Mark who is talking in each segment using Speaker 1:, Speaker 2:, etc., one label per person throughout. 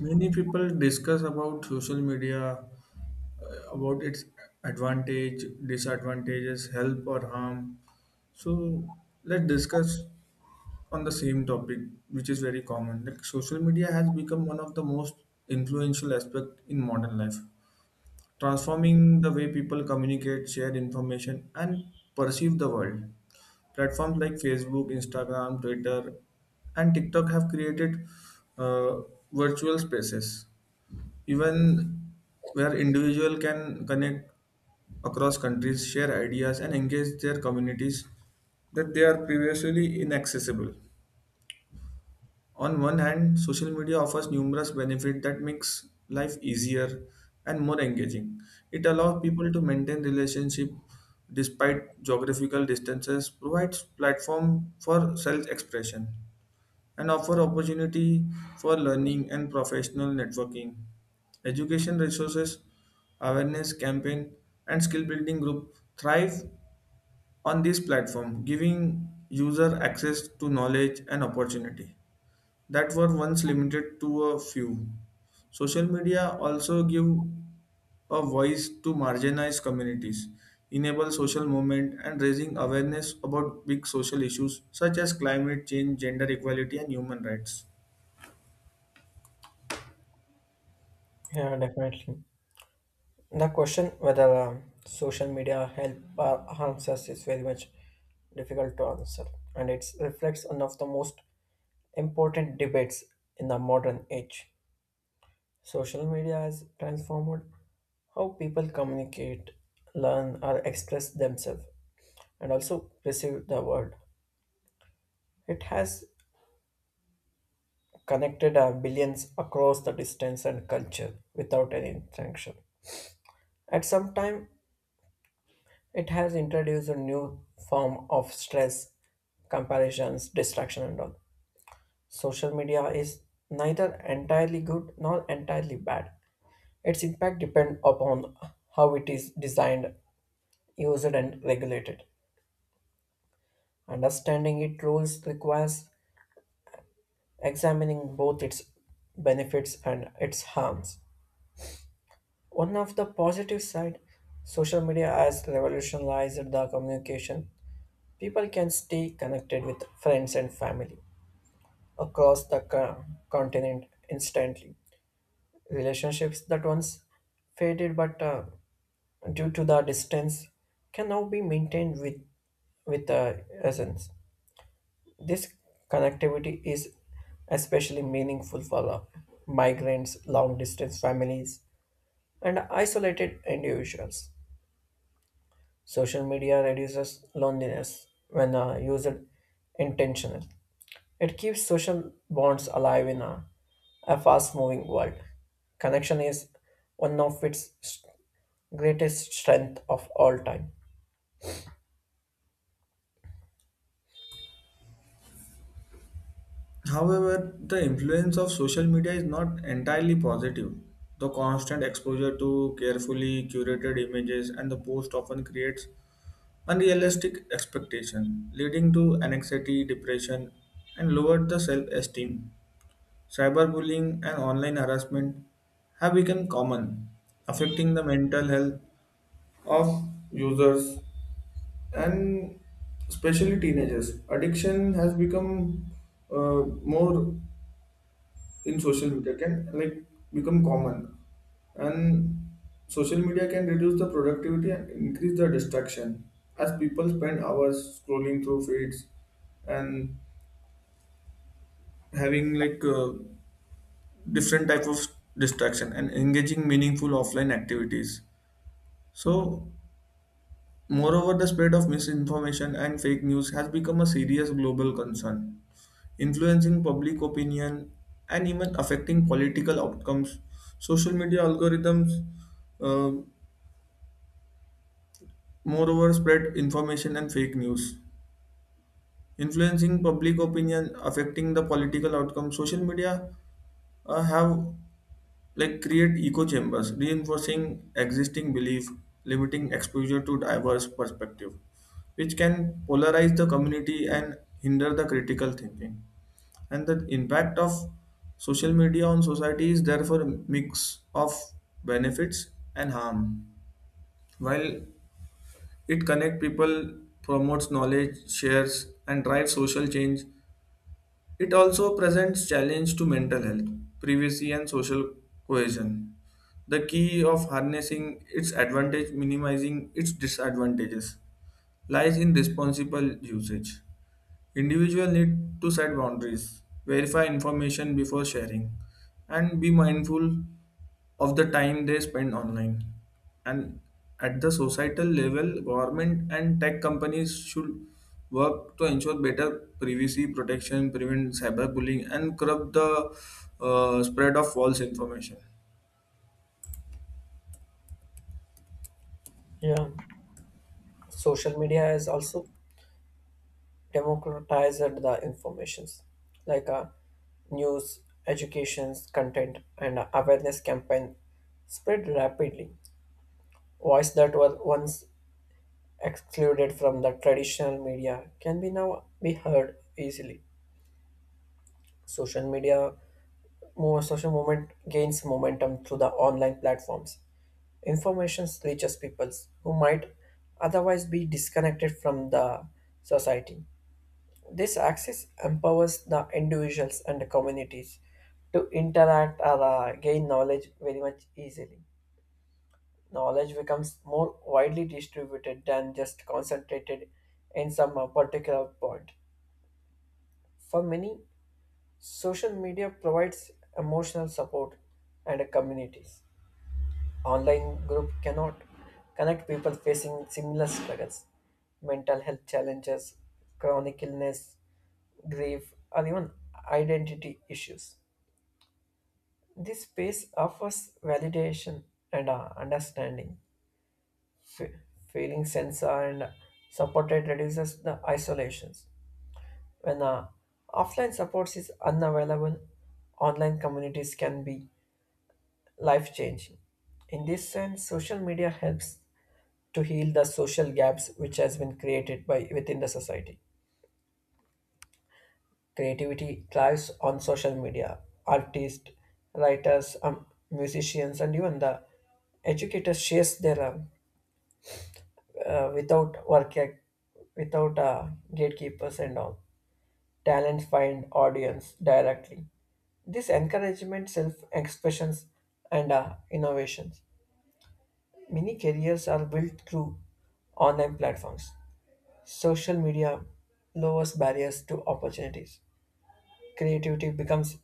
Speaker 1: Many people discuss about social media, about its advantage, disadvantages, help or harm. So let's discuss on the same topic, which is very common. Like social media has become one of the most influential aspect in modern life, transforming the way people communicate, share information, and perceive the world. Platforms like Facebook, Instagram, Twitter, and TikTok have created uh, virtual spaces even where individual can connect across countries, share ideas and engage their communities that they are previously inaccessible. On one hand, social media offers numerous benefits that makes life easier and more engaging. It allows people to maintain relationship despite geographical distances, provides platform for self expression, and offer opportunity for learning and professional networking. Education resources, awareness campaign, and skill building group thrive on this platform, giving user access to knowledge and opportunity that were once limited to a few. Social media also give a voice to marginalized communities, enable social movement and raising awareness about big social issues such as climate change, gender equality and human rights.
Speaker 2: Yeah, definitely. The question whether social media help or harms us is very much difficult to answer, and it reflects one of the most important debates in the modern age. Social media has transformed how people communicate, learn, or express themselves, and also perceive the world. It has connected billions across the distance and culture without any interaction. At some time, it has introduced a new form of stress, comparisons, distraction, and all. Social media is neither entirely good nor entirely bad. Its impact depends upon how it is designed, used, and regulated. Understanding its rules requires examining both its benefits and its harms. One of the positive side, social media has revolutionized the communication. People can stay connected with friends and family across the continent instantly. Relationships that once faded but due to the distance can now be maintained with essence. This connectivity is especially meaningful for migrants, long distance families, and isolated individuals. Social media reduces loneliness when used intentionally. It keeps social bonds alive in a fast moving world. Connection is one of its greatest strength of all time.
Speaker 1: However, the influence of social media is not entirely positive. The constant exposure to carefully curated images and the post often creates unrealistic expectation, leading to anxiety, depression, and lowered the self-esteem. Cyberbullying and online harassment have become common, affecting the mental health of users and especially teenagers. Addiction has become more in social media can like become common, and social media can reduce the productivity and increase the distraction as people spend hours scrolling through feeds and having different type of distraction and engaging meaningful offline activities. So moreover, the spread of misinformation and fake news has become a serious global concern, influencing public opinion, and even affecting political outcomes. Social media algorithms, uh, moreover, spread information and fake news, influencing public opinion, affecting the political outcome. Social media have like create echo chambers, reinforcing existing belief, limiting exposure to diverse perspective, which can polarize the community and hinder the critical thinking. And the impact of social media on society is therefore a mix of benefits and harm. While it connects people, promotes knowledge shares and drives social change, it also presents challenge to mental health, privacy and social cohesion. The key of harnessing its advantage, minimizing its disadvantages, lies in responsible usage. Individuals need to set boundaries, verify information before sharing, and be mindful of the time they spend online. And at the societal level, government and tech companies should work to ensure better privacy protection, prevent cyberbullying, and curb the spread of false information.
Speaker 2: Yeah, social media has also democratized the informations like news, educations, content, and awareness campaign spread rapidly. Voices that were once excluded from the traditional media can be now be heard easily. Social media more social movement gains momentum through the online platforms. Information reaches people who might otherwise be disconnected from the society. This access empowers the individuals and the communities to interact or gain knowledge very much easily. Knowledge becomes more widely distributed than just concentrated in some particular point. For many, social media provides emotional support and communities. Online group cannot connect people facing similar struggles, mental health challenges, chronic illness, grief, or even identity issues. This space offers validation and understanding. F- Feeling sense and supported reduces the isolations. When offline supports is unavailable, online communities can be life changing. In this sense, social media helps to heal the social gaps which has been created by within the society. Creativity thrives on social media. Artists, writers, musicians, and even the educators shares their without work without gatekeepers and all. Talent find audience directly. This encouragement, self expressions, and innovations. Many careers are built through online platforms. Social media lowers barriers to opportunities. Creativity becomes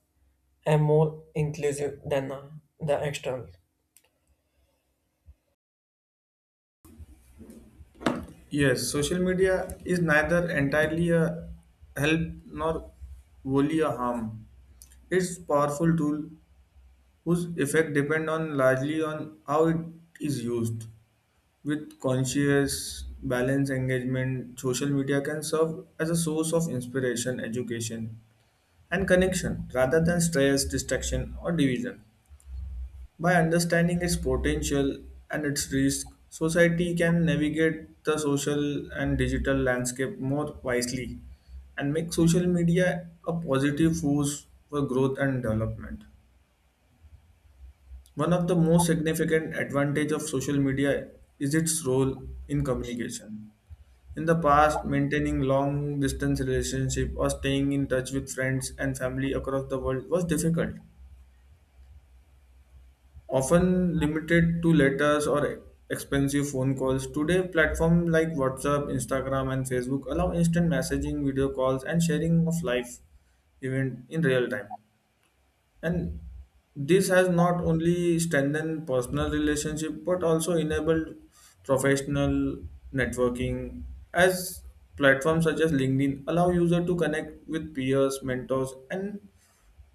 Speaker 2: a more inclusive than the external.
Speaker 1: Yes, social media is neither entirely a help nor wholly a harm. It's powerful tool whose effect depend on largely on how it is used. With conscious balance engagement, social media can serve as a source of inspiration, education and connection rather than stress, distraction or division. By understanding its potential and its risk, society can navigate the social and digital landscape more wisely and make social media a positive force for growth and development. One of the most significant advantage of social media is its role in communication. In the past, maintaining long distance relationship or staying in touch with friends and family across the world was difficult, often limited to letters or expensive phone calls. Today, platforms like WhatsApp, Instagram and Facebook allow instant messaging, video calls and sharing of life event in real time. And this has not only strengthened personal relationship but also enabled professional networking, as platforms such as LinkedIn allow user to connect with peers, mentors and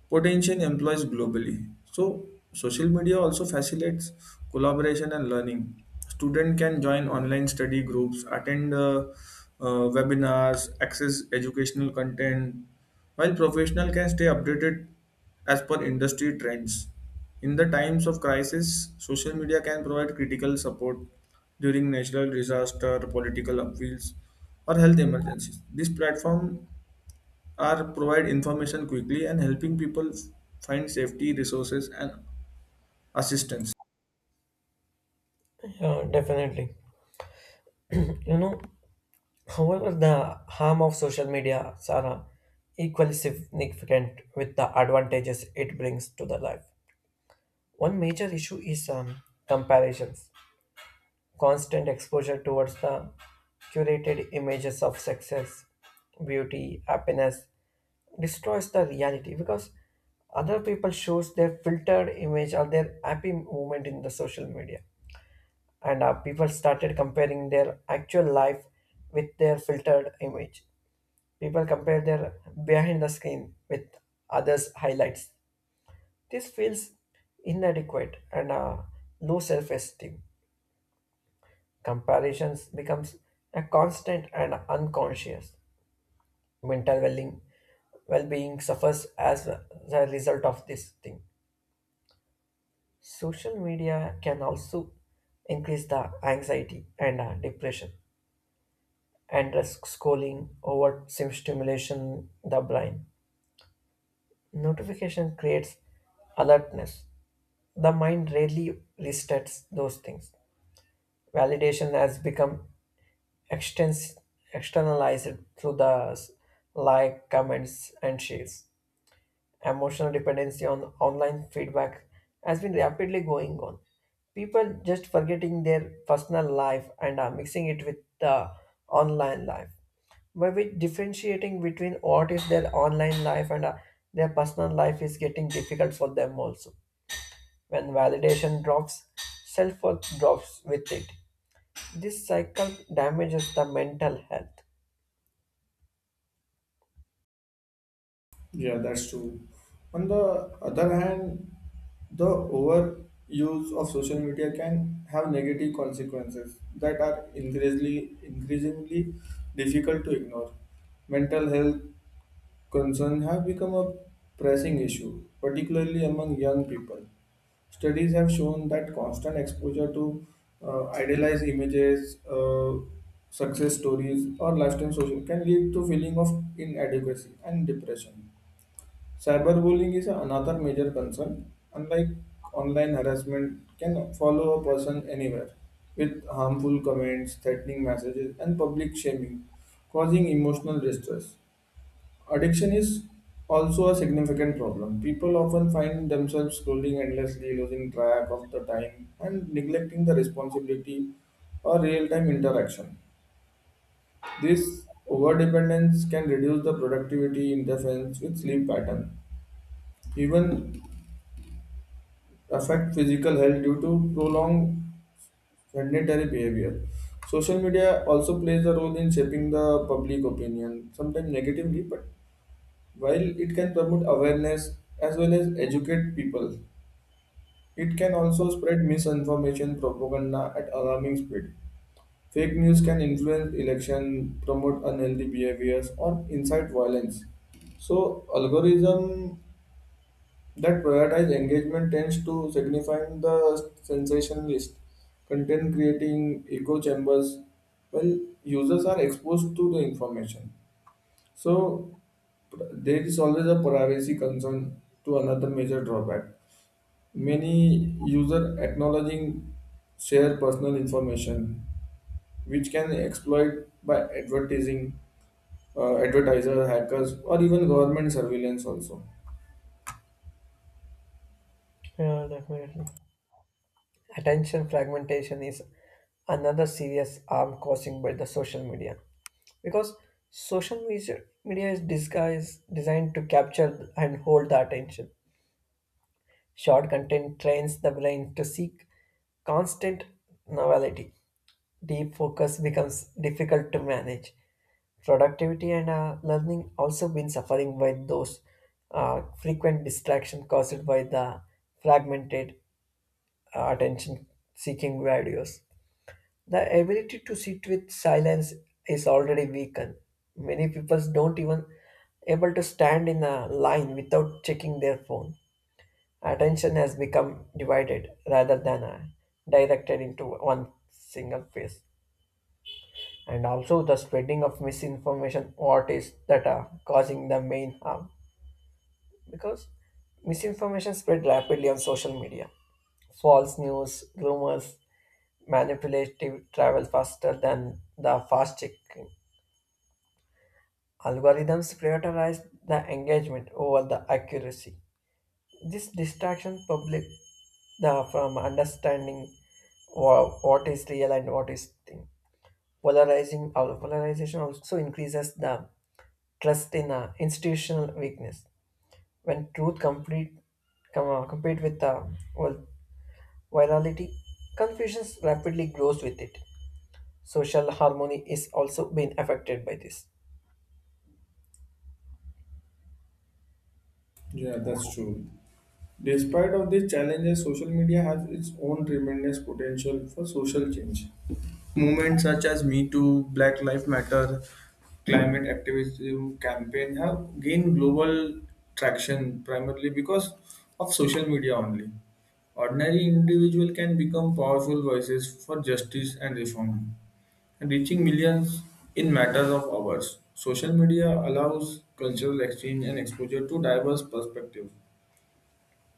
Speaker 1: potential employees globally. So, social media also facilitates collaboration and learning. Student can join online study groups, attend webinars, access educational content, while professional can stay updated as per industry trends. In the times of crisis, social media can provide critical support during natural disaster, political upheavals, or health emergencies. This platform are provide information quickly and helping people find safety resources and assistance.
Speaker 2: Yeah, definitely. You know, however, the harm of social media are equally significant with the advantages it brings to the life. One major issue is comparisons. Constant exposure towards the curated images of success, beauty, happiness, destroys the reality because other people shows their filtered image or their happy moment in the social media, and people started comparing their actual life with their filtered image. People compare their behind the screen with others highlights. This feels inadequate and low self-esteem. Comparisons becomes a constant and unconscious mental well-being. Well-being suffers as a result of this thing. Social media can also increase the anxiety and depression and risk scrolling over stimulation the brain. Notification creates alertness. The mind rarely resets those things. Validation has become extens- externalized through the like, comments, and shares. Emotional dependency on online feedback has been rapidly going on. People just forgetting their personal life and are mixing it with the online life. By which differentiating between what is their online life and their personal life is getting difficult for them also. When validation drops, self worth drops with it. This cycle damages the mental health.
Speaker 1: Yeah, that's true. On the other hand, the overuse of social media can have negative consequences that are increasingly difficult to ignore. Mental health concerns have become a pressing issue, particularly among young people. Studies have shown that constant exposure to idealized images, success stories, or lifetime social can lead to feeling of inadequacy and depression. Cyberbullying is another major concern. Unlike online harassment, can follow a person anywhere with harmful comments, threatening messages, and public shaming, causing emotional distress. Addiction is also a significant problem. People often find themselves scrolling endlessly, losing track of the time, and neglecting the responsibility or real time interaction. This overdependence can reduce the productivity, interference with sleep pattern, even affect physical health due to prolonged sedentary behavior. Social media also plays a role in shaping the public opinion, sometimes negatively. But while it can promote awareness as well as educate people, it can also spread misinformation propaganda at alarming speed. Fake news can influence election, promote unhealthy behaviors, or incite violence. So algorithm that prioritize engagement tends to signifying the sensationalist content, creating echo chambers while users are exposed to the information. So there is always a privacy concern to another major drawback. Many users acknowledging share personal information, which can exploit by advertising, advertiser, hackers, or even government surveillance also.
Speaker 2: Yeah, definitely. Attention fragmentation is another serious harm causing by the social media, because social media is disguised designed to capture and hold the attention. Short content trains the brain to seek constant novelty. Deep focus becomes difficult to manage. Productivity and learning also been suffering by those frequent distraction caused by the fragmented attention seeking videos. The ability to sit with silence is already weakened. Many people don't even able to stand in a line without checking their phone. Attention has become divided rather than directed into one single phase. And also the spreading of misinformation what is that are causing the main harm, because misinformation spread rapidly on social media. False news, rumors, manipulative travel faster than the fast checking. Algorithms prioritize the engagement over the accuracy. This distraction public the from understanding what is real and what is thing. Polarizing or polarization also increases the trust in institutional weakness. When truth compete with the well, virality, confusion rapidly grows with it. Social harmony is also being affected by this.
Speaker 1: Yeah, that's true. Despite of these challenges, social media has its own tremendous potential for social change. Movements such as Me Too, Black Lives Matter, climate activism campaign have gained global traction primarily because of social media only. Ordinary individual can become powerful voices for justice and reform, and reaching millions in matters of hours. Social media allows cultural exchange and exposure to diverse perspectives,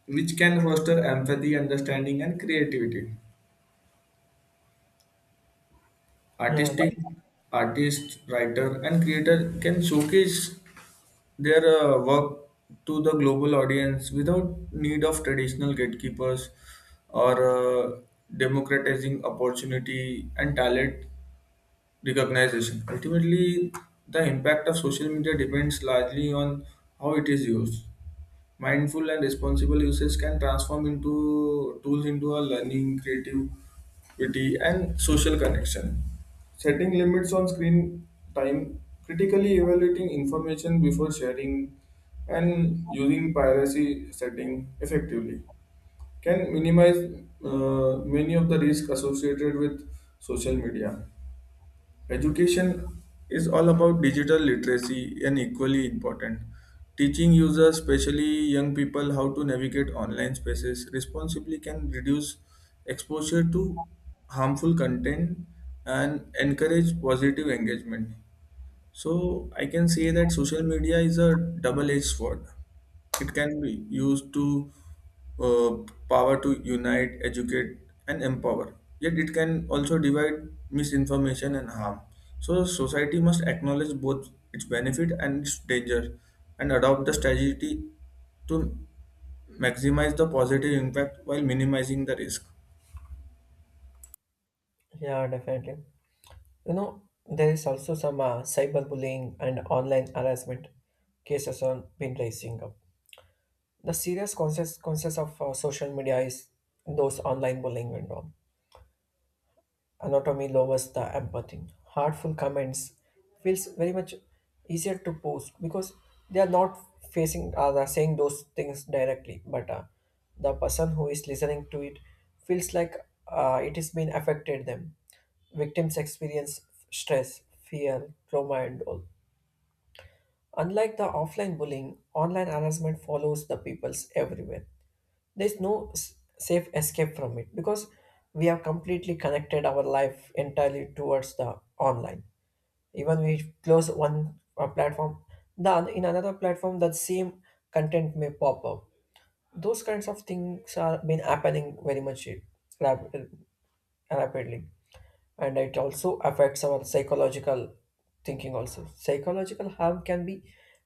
Speaker 1: which can foster empathy, understanding, and creativity.
Speaker 2: Yeah,
Speaker 1: Artistic
Speaker 2: de-
Speaker 1: Artist, writer, and creator can showcase their work to the global audience without need of traditional gatekeepers or uh, democratizing opportunity and talent recognition. Ultimately, the impact of social media depends largely on how it is used. Mindful and responsible usage can transform into tools into a learning, creativity, and social connection. Setting limits on screen time, critically evaluating information before sharing, and using piracy setting effectively can minimize many of the risks associated with social media. Education is all about digital literacy and equally important. Teaching users, especially young people, how to navigate online spaces responsibly can reduce exposure to harmful content and encourage positive engagement. So I can say that social media is a double-edged sword. It can be used to uh, power to unite, educate, and empower. Yet it can also divide misinformation and harm. So society must acknowledge both its benefit and its danger, and adopt the strategy to maximize the positive impact while minimizing the risk.
Speaker 2: yeah, definitely. You know, there is also some cyberbullying and online harassment cases on been rising up. The serious consequences of social media is those online bullying and all. Anatomy lowers the empathy. Heartful comments feels very much easier to post because they are not facing they are saying those things directly, but the person who is listening to it feels like it has been affected them. Victims experience stress, fear, trauma, and all. Unlike the offline bullying, online harassment follows the peoples everywhere. There's no safe escape from it because we have completely connected our life entirely towards the online. Even we close one platform, then in another platform that same content may pop up. Those kinds of things are been happening very much rap- uh, rapidly and it also affects our psychological thinking also. Psychological harm can be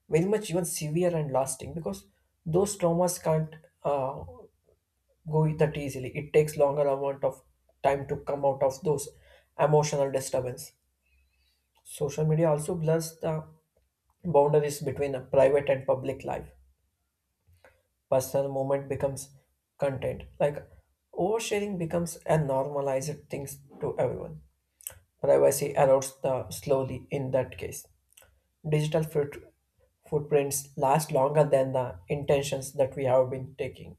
Speaker 2: very much even severe and lasting because those traumas can't uh, go that easily. It takes longer amount of time to come out of those emotional disturbance. Social media also blurs the boundaries between a private and public life. Personal moment becomes content. Like oversharing becomes a normalized things to everyone. Privacy erodes the slowly in that case. Digital footprints last longer than the intentions that we have been taking.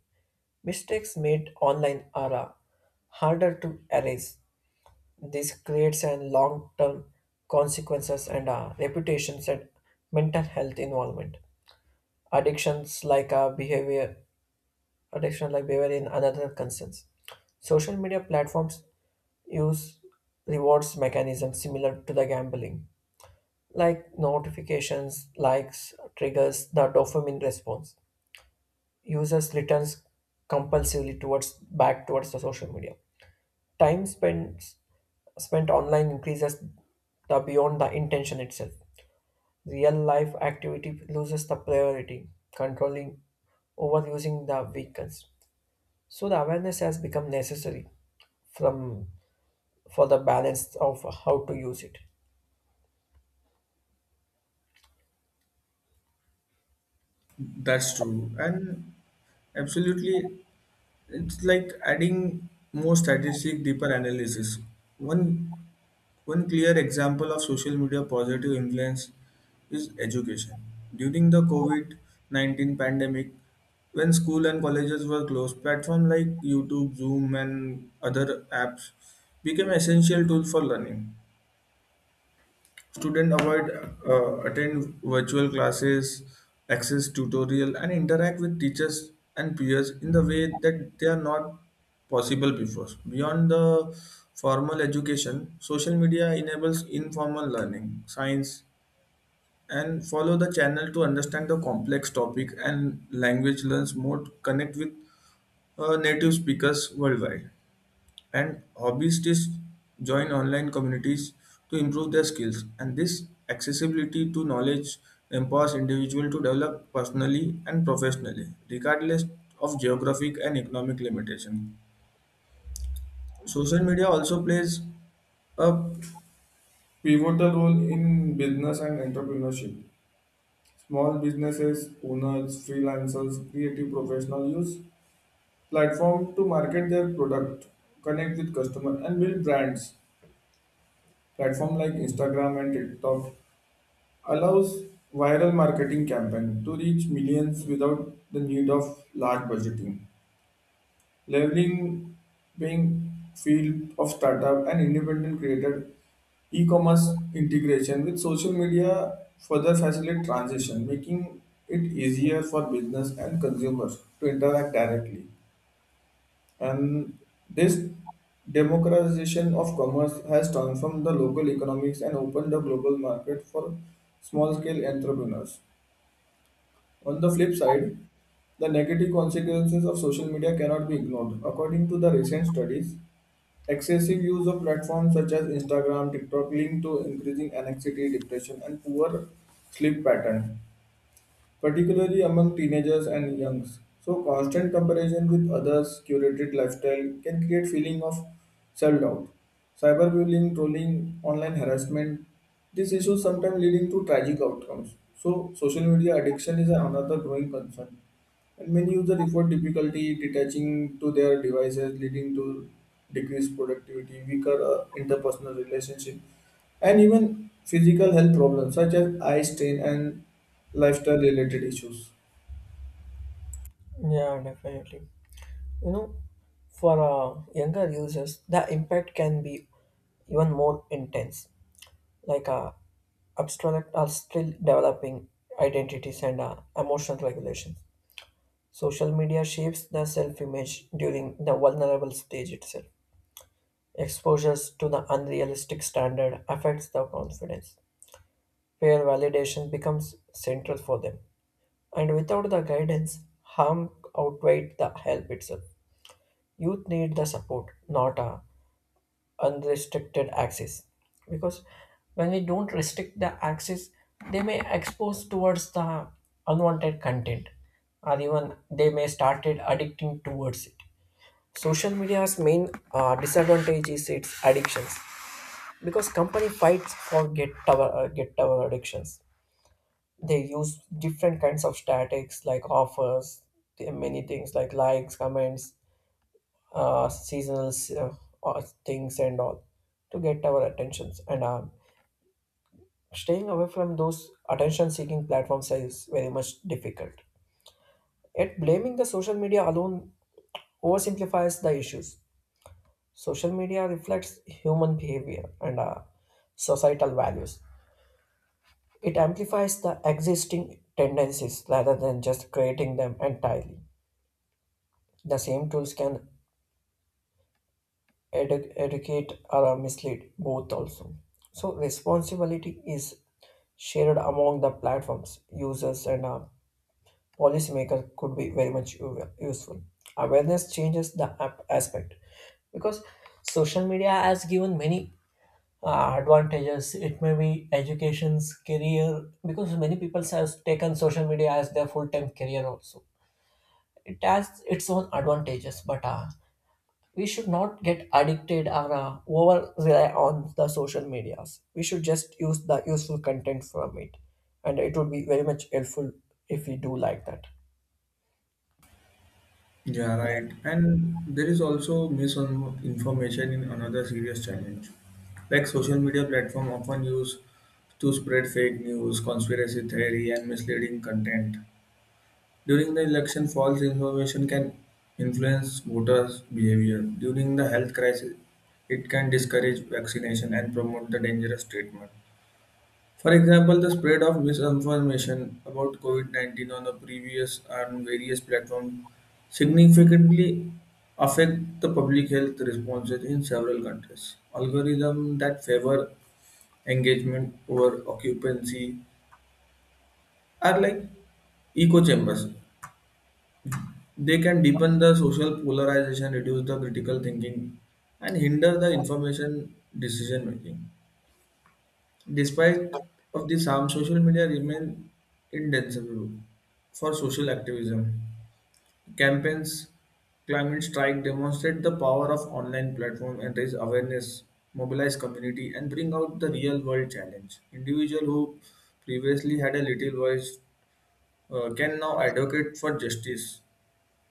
Speaker 2: Mistakes made online are harder to erase. This creates an long-term consequences and reputations and mental health involvement. Addictions like uh, behavior, addiction like behavior in another concerns. Social media platforms use rewards mechanisms similar to the gambling, like notifications, likes, triggers the dopamine response. Users returns compulsively towards back towards the social media. Time spent online increases the beyond the intention itself. Real life activity loses the priority, controlling overusing the vehicles. So the awareness has become necessary from for the balance of how to use it.
Speaker 1: That's true, and absolutely it's like adding more strategic, deeper analysis. One one clear example of social media positive influence is education. During the COVID COVID-19 pandemic, when school and colleges were closed, platforms like YouTube, Zoom, and other apps became essential tools for learning. Students avoid attend virtual classes, access tutorial, and interact with teachers and peers in the way that they are not possible before. Beyond the formal education, social media enables informal learning, science, and follow the channel to understand the complex topic and language learns more to connect with native speakers worldwide, and hobbyists join online communities to improve their skills. And this accessibility to knowledge empowers individuals to develop personally and professionally regardless of geographic and economic limitation. Social media also plays a pivotal role in business and entrepreneurship. Small businesses owners, freelancers, creative professionals use platform to market their product, connect with customer and build brands. Platform like Instagram and TikTok allows viral marketing campaign to reach millions without the need of large budgeting, leveling paying field of startup and independent creator. E-commerce integration with social media further facilitate transition, making it easier for business and consumers to interact directly. And this democratization of commerce has transformed the local economics and opened the global market for small scale entrepreneurs. On the flip side, the negative consequences of social media cannot be ignored. According to the recent studies, excessive use of platforms such as Instagram, TikTok linked to increasing anxiety, depression, and poor sleep pattern, particularly among teenagers and youngs. So constant comparison with others' curated lifestyle can create feeling of self-doubt. Cyberbullying, trolling, online harassment, these issues sometimes leading to tragic outcomes. So social media addiction is another growing concern. And many users report difficulty detaching to their devices, leading to decreased productivity, weaker interpersonal relationship, and even physical health problems such as eye strain and lifestyle related issues.
Speaker 2: Yeah, definitely. You know, for younger users, the impact can be even more intense. Like abstract are still developing identities and emotional regulations. Social media shapes the self image during the vulnerable stage itself. Exposures to the unrealistic standard affects the confidence. Peer validation becomes central for them. And without the guidance, harm outweighs the help itself. Youth need the support, not a unrestricted access. Because when we don't restrict the access, they may expose towards the unwanted content, or even they may started addicting towards it. Social media's main disadvantage is its addictions because company fights for get tower addictions. They use different kinds of statics like offers, the many things like likes, comments, seasonal things and all to get our attentions. And staying away from those attention-seeking platforms is very much difficult. Yet blaming the social media alone oversimplifies the issues. Social media reflects human behavior and societal values. It amplifies the existing tendencies rather than just creating them entirely. The same tools can educate or mislead both also. So responsibility is shared among the platforms, users, and policymakers could be very much useful. Awareness changes the app aspect, because social media has given many advantages. It may be education's career because many people has taken social media as their full-time career also. It has its own advantages, but we should not get addicted or over rely on the social medias. We should just use the useful content from it, and it would be very much helpful if we do like that.
Speaker 1: Yeah, right. And there is also misinformation in another serious challenge. Like social media platform often used to spread fake news, conspiracy theory, and misleading content. During the election, false information can influence voters' behavior. During the health crisis, it can discourage vaccination and promote the dangerous treatment. For example, the spread of misinformation about COVID 19 on the previous and various platforms significantly affect the public health responses in several countries. Algorithms that favor engagement over occupancy are like echo chambers. They can deepen the social polarization, reduce the critical thinking, and hinder the information decision making. Despite of this harm, social media remain indispensable for social activism. Campaigns, climate strike demonstrate the power of online platform and raise awareness, mobilize community, and bring out the real world challenge. Individual who previously had a little voice can now advocate for justice,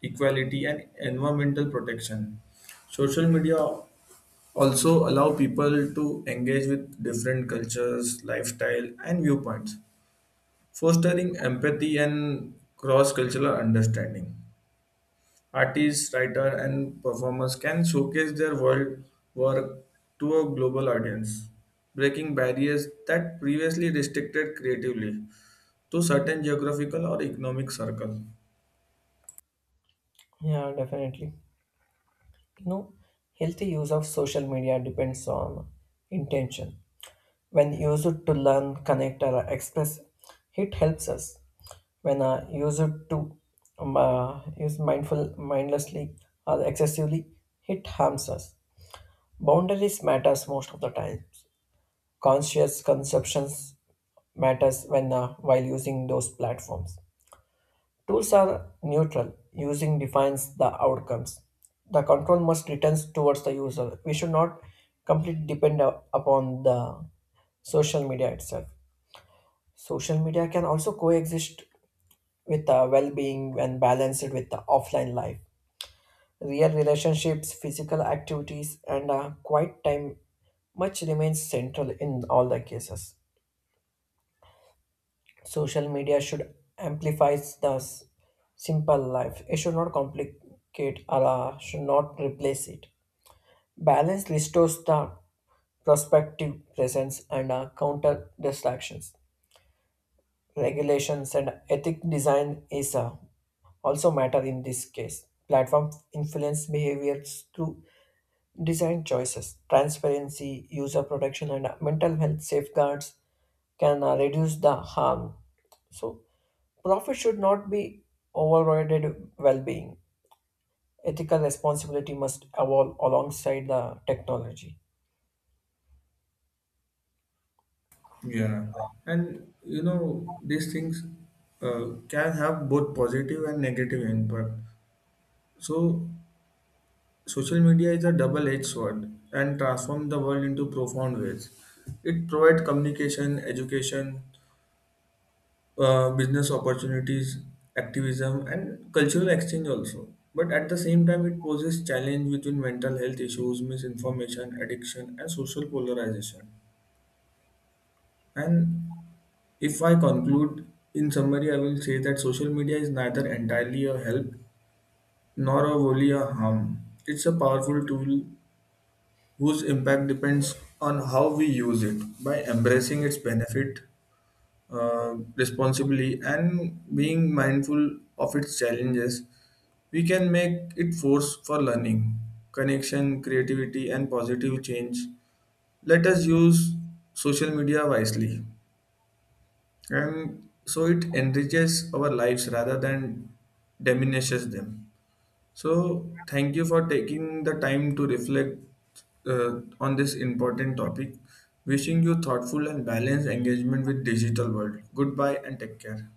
Speaker 1: equality, and environmental protection. Social media also allow people to engage with different cultures, lifestyle, and viewpoints, fostering empathy and cross cultural understanding. Artists, writer, and performers can showcase their world work to a global audience, breaking barriers that previously restricted creatively to certain geographical or economic circle.
Speaker 2: Yeah, definitely. You know, healthy use of social media depends on intention. When used to learn, connect, or express, it helps us. When used to mindlessly, or excessively, it harms us. Boundaries matters most of the time. Conscious conceptions matters when while using those platforms. Tools are neutral. Using defines the outcomes. The control must returns towards the user. We should not completely depend upon the social media itself. Social media can also coexist with well-being and balance it with the offline life. Real relationships, physical activities, and quiet time much remains central in all the cases. Social media should amplify the simple life. It should not complicate or should not replace it. Balance restores the prospective presence and counter distractions. Regulations and ethic design is also matter in this case. Platform influence behaviors through design choices, transparency, user protection, and mental health safeguards can reduce the harm. So profit should not be overridden well-being. Ethical responsibility must evolve alongside the technology.
Speaker 1: Yeah, and you know these things can have both positive and negative impact. So social media is a double-edged sword and transforms the world into profound ways. It provides communication, education, business opportunities, activism, and cultural exchange also. But at the same time, it poses challenge within mental health issues, misinformation, addiction, and social polarization. And if I conclude in summary, I will say that social media is neither entirely a help nor a wholly a harm. It's a powerful tool whose impact depends on how we use it. By embracing its benefit responsibly and being mindful of its challenges, we can make it force for learning, connection, creativity and positive change. Let us use social media wisely and so it enriches our lives rather than diminishes them. So, thank you for taking the time to reflect on this important topic. Wishing you thoughtful and balanced engagement with digital world. Goodbye and take care.